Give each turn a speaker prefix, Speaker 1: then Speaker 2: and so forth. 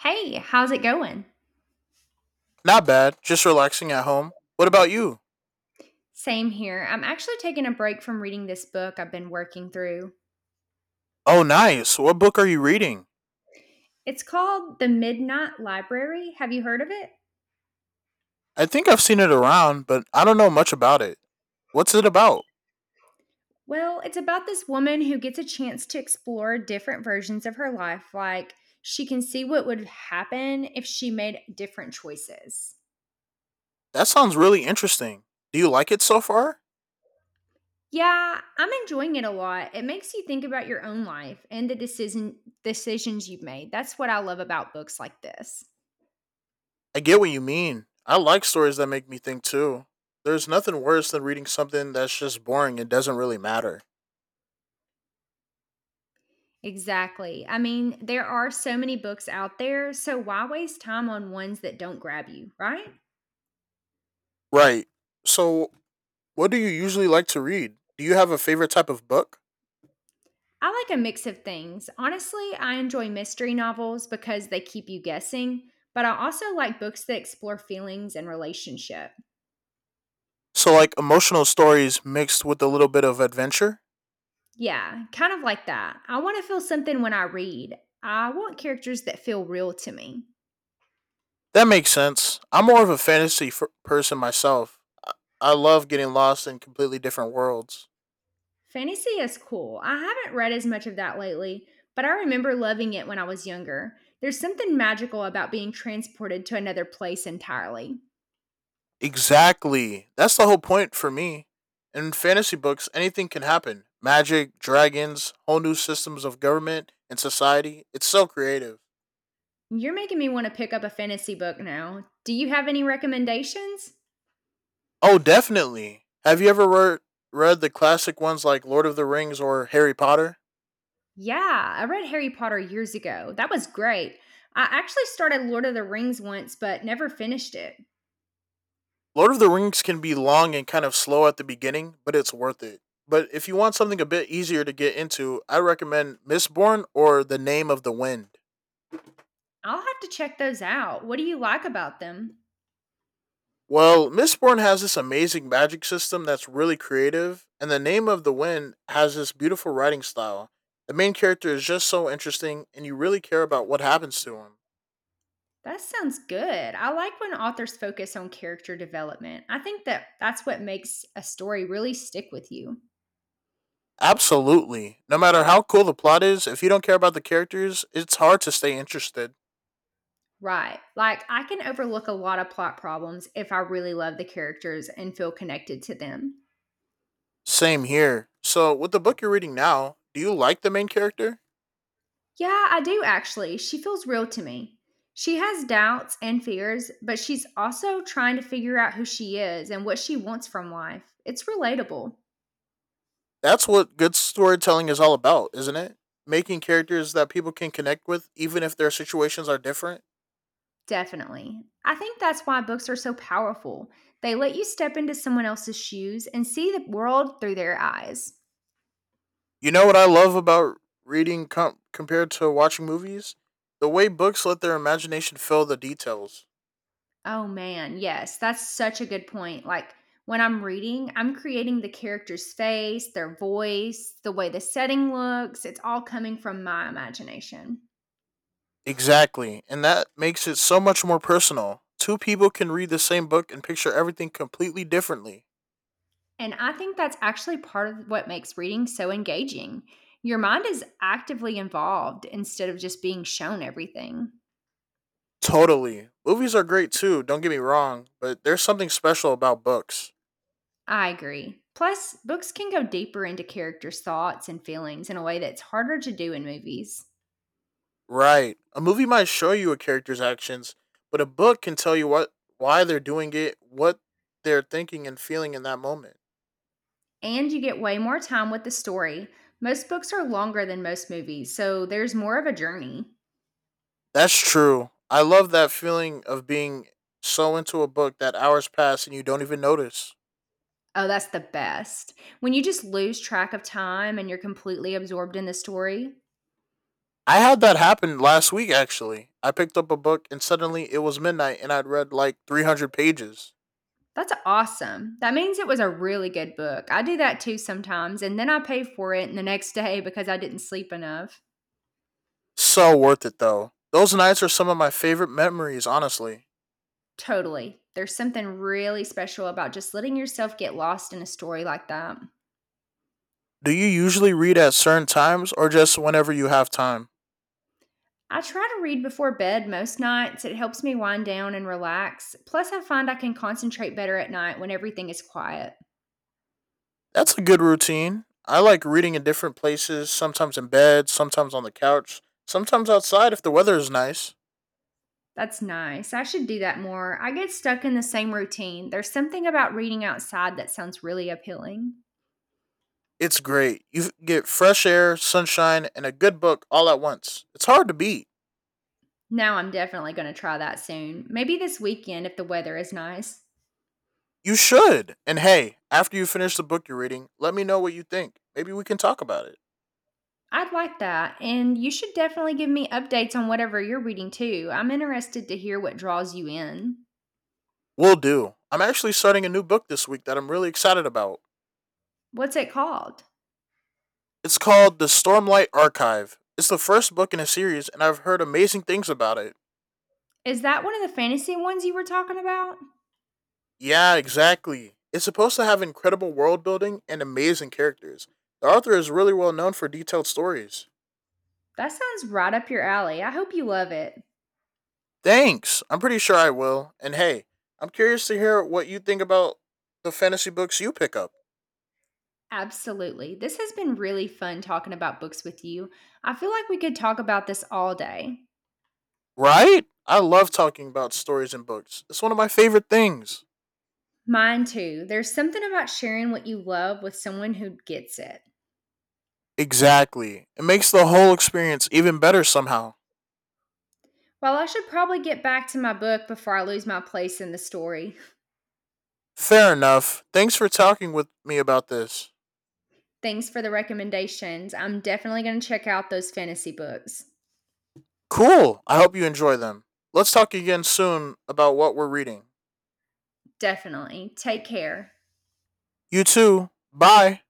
Speaker 1: Hey, how's it going?
Speaker 2: Not bad. Just relaxing at home. What about you?
Speaker 1: Same here. I'm actually taking a break from reading this book I've been working through.
Speaker 2: Oh, nice. What book are you reading?
Speaker 1: It's called The Midnight Library. Have you heard of it?
Speaker 2: I think I've seen it around, but I don't know much about it. What's it about?
Speaker 1: Well, it's about this woman who gets a chance to explore different versions of her life, like she can see what would happen if she made different choices.
Speaker 2: That sounds really interesting. Do you like it so far?
Speaker 1: Yeah, I'm enjoying it a lot. It makes you think about your own life and the decisions you've made. That's what I love about books like this.
Speaker 2: I get what you mean. I like stories that make me think too. There's nothing worse than reading something that's just boring and doesn't really matter.
Speaker 1: Exactly. I mean, there are so many books out there, so why waste time on ones that don't grab you, right?
Speaker 2: Right. So, what do you usually like to read? Do you have a favorite type of book?
Speaker 1: I like a mix of things. Honestly, I enjoy mystery novels because they keep you guessing, but I also like books that explore feelings and relationship.
Speaker 2: So, like emotional stories mixed with a little bit of adventure?
Speaker 1: Yeah, kind of like that. I want to feel something when I read. I want characters that feel real to me.
Speaker 2: That makes sense. I'm more of a person myself. I love getting lost in completely different worlds.
Speaker 1: Fantasy is cool. I haven't read as much of that lately, but I remember loving it when I was younger. There's something magical about being transported to another place entirely.
Speaker 2: Exactly. That's the whole point for me. In fantasy books, anything can happen, magic, dragons, whole new systems of government and society. It's so creative.
Speaker 1: You're making me want to pick up a fantasy book now. Do you have any recommendations?
Speaker 2: Oh, definitely. Have you ever read the classic ones like Lord of the Rings or Harry Potter?
Speaker 1: Yeah, I read Harry Potter years ago. That was great. I actually started Lord of the Rings once, but never finished it.
Speaker 2: Lord of the Rings can be long and kind of slow at the beginning, but it's worth it. But if you want something a bit easier to get into, I recommend Mistborn or The Name of the Wind.
Speaker 1: I'll have to check those out. What do you like about them?
Speaker 2: Well, Mistborn has this amazing magic system that's really creative, and The Name of the Wind has this beautiful writing style. The main character is just so interesting, and you really care about what happens to him.
Speaker 1: That sounds good. I like when authors focus on character development. I think that that's what makes a story really stick with you.
Speaker 2: Absolutely. No matter how cool the plot is, if you don't care about the characters, it's hard to stay interested.
Speaker 1: Right. Like, I can overlook a lot of plot problems if I really love the characters and feel connected to them.
Speaker 2: Same here. So, with the book you're reading now, do you like the main character?
Speaker 1: Yeah, I do actually. She feels real to me. She has doubts and fears, but she's also trying to figure out who she is and what she wants from life. It's relatable.
Speaker 2: That's what good storytelling is all about, isn't it? Making characters that people can connect with, even if their situations are different.
Speaker 1: Definitely. I think that's why books are so powerful. They let you step into someone else's shoes and see the world through their eyes.
Speaker 2: You know what I love about compared to watching movies? The way books let their imagination fill the details.
Speaker 1: Oh man, yes, that's such a good point. Like when I'm reading, I'm creating the character's face, their voice, the way the setting looks. It's all coming from my imagination.
Speaker 2: Exactly, and that makes it so much more personal. Two people can read the same book and picture everything completely differently.
Speaker 1: And I think that's actually part of what makes reading so engaging. Your mind is actively involved instead of just being shown everything.
Speaker 2: Totally. Movies are great too, don't get me wrong, but there's something special about books.
Speaker 1: I agree. Plus, books can go deeper into characters' thoughts and feelings in a way that's harder to do in movies.
Speaker 2: Right. A movie might show you a character's actions, but a book can tell you what why they're doing it, what they're thinking and feeling in that moment.
Speaker 1: And you get way more time with the story. Most books are longer than most movies, so there's more of a journey.
Speaker 2: That's true. I love that feeling of being so into a book that hours pass and you don't even notice.
Speaker 1: Oh, that's the best. When you just lose track of time and you're completely absorbed in the story,
Speaker 2: I had that happen last week actually. I picked up a book and suddenly it was midnight and I'd read like 300 pages.
Speaker 1: that's awesome. That means it was a really good book. I do that too sometimes, and then I pay for it the next day because I didn't sleep enough.
Speaker 2: So worth it though. Those nights are some of my favorite memories, honestly.
Speaker 1: Totally. There's something really special about just letting yourself get lost in a story like that.
Speaker 2: Do you usually read at certain times or just whenever you have time?
Speaker 1: I try to read before bed most nights. It helps me wind down and relax. Plus, I find I can concentrate better at night when everything is quiet.
Speaker 2: That's a good routine. I like reading in different places, sometimes in bed, sometimes on the couch, sometimes outside if the weather is nice.
Speaker 1: That's nice. I should do that more. I get stuck in the same routine. There's something about reading outside that sounds really appealing.
Speaker 2: It's great. You get fresh air, sunshine, and a good book all at once. It's hard to beat.
Speaker 1: Now I'm definitely going to try that soon. Maybe this weekend if the weather is nice.
Speaker 2: You should. And hey, after you finish the book you're reading, let me know what you think. Maybe we can talk about it.
Speaker 1: I'd like that. And you should definitely give me updates on whatever you're reading too. I'm interested to hear what draws you in.
Speaker 2: Will do. I'm actually starting a new book this week that I'm really excited about.
Speaker 1: What's it called?
Speaker 2: It's called The Stormlight Archive. It's the first book in a series, and I've heard amazing things about it.
Speaker 1: Is that one of the fantasy ones you were talking about?
Speaker 2: Yeah, exactly. It's supposed to have incredible world building and amazing characters. The author is really well known for detailed stories.
Speaker 1: That sounds right up your alley. I hope you love it.
Speaker 2: Thanks. I'm pretty sure I will. And hey, I'm curious to hear what you think about the fantasy books you pick up.
Speaker 1: Absolutely. This has been really fun talking about books with you. I feel like we could talk about this all day.
Speaker 2: Right? I love talking about stories and books. It's one of my favorite things.
Speaker 1: Mine too. There's something about sharing what you love with someone who gets it.
Speaker 2: Exactly. It makes the whole experience even better somehow.
Speaker 1: Well, I should probably get back to my book before I lose my place in the story.
Speaker 2: Fair enough. Thanks for talking with me about this.
Speaker 1: Thanks for the recommendations. I'm definitely going to check out those fantasy books.
Speaker 2: Cool. I hope you enjoy them. Let's talk again soon about what we're reading.
Speaker 1: Definitely. Take care.
Speaker 2: You too. Bye.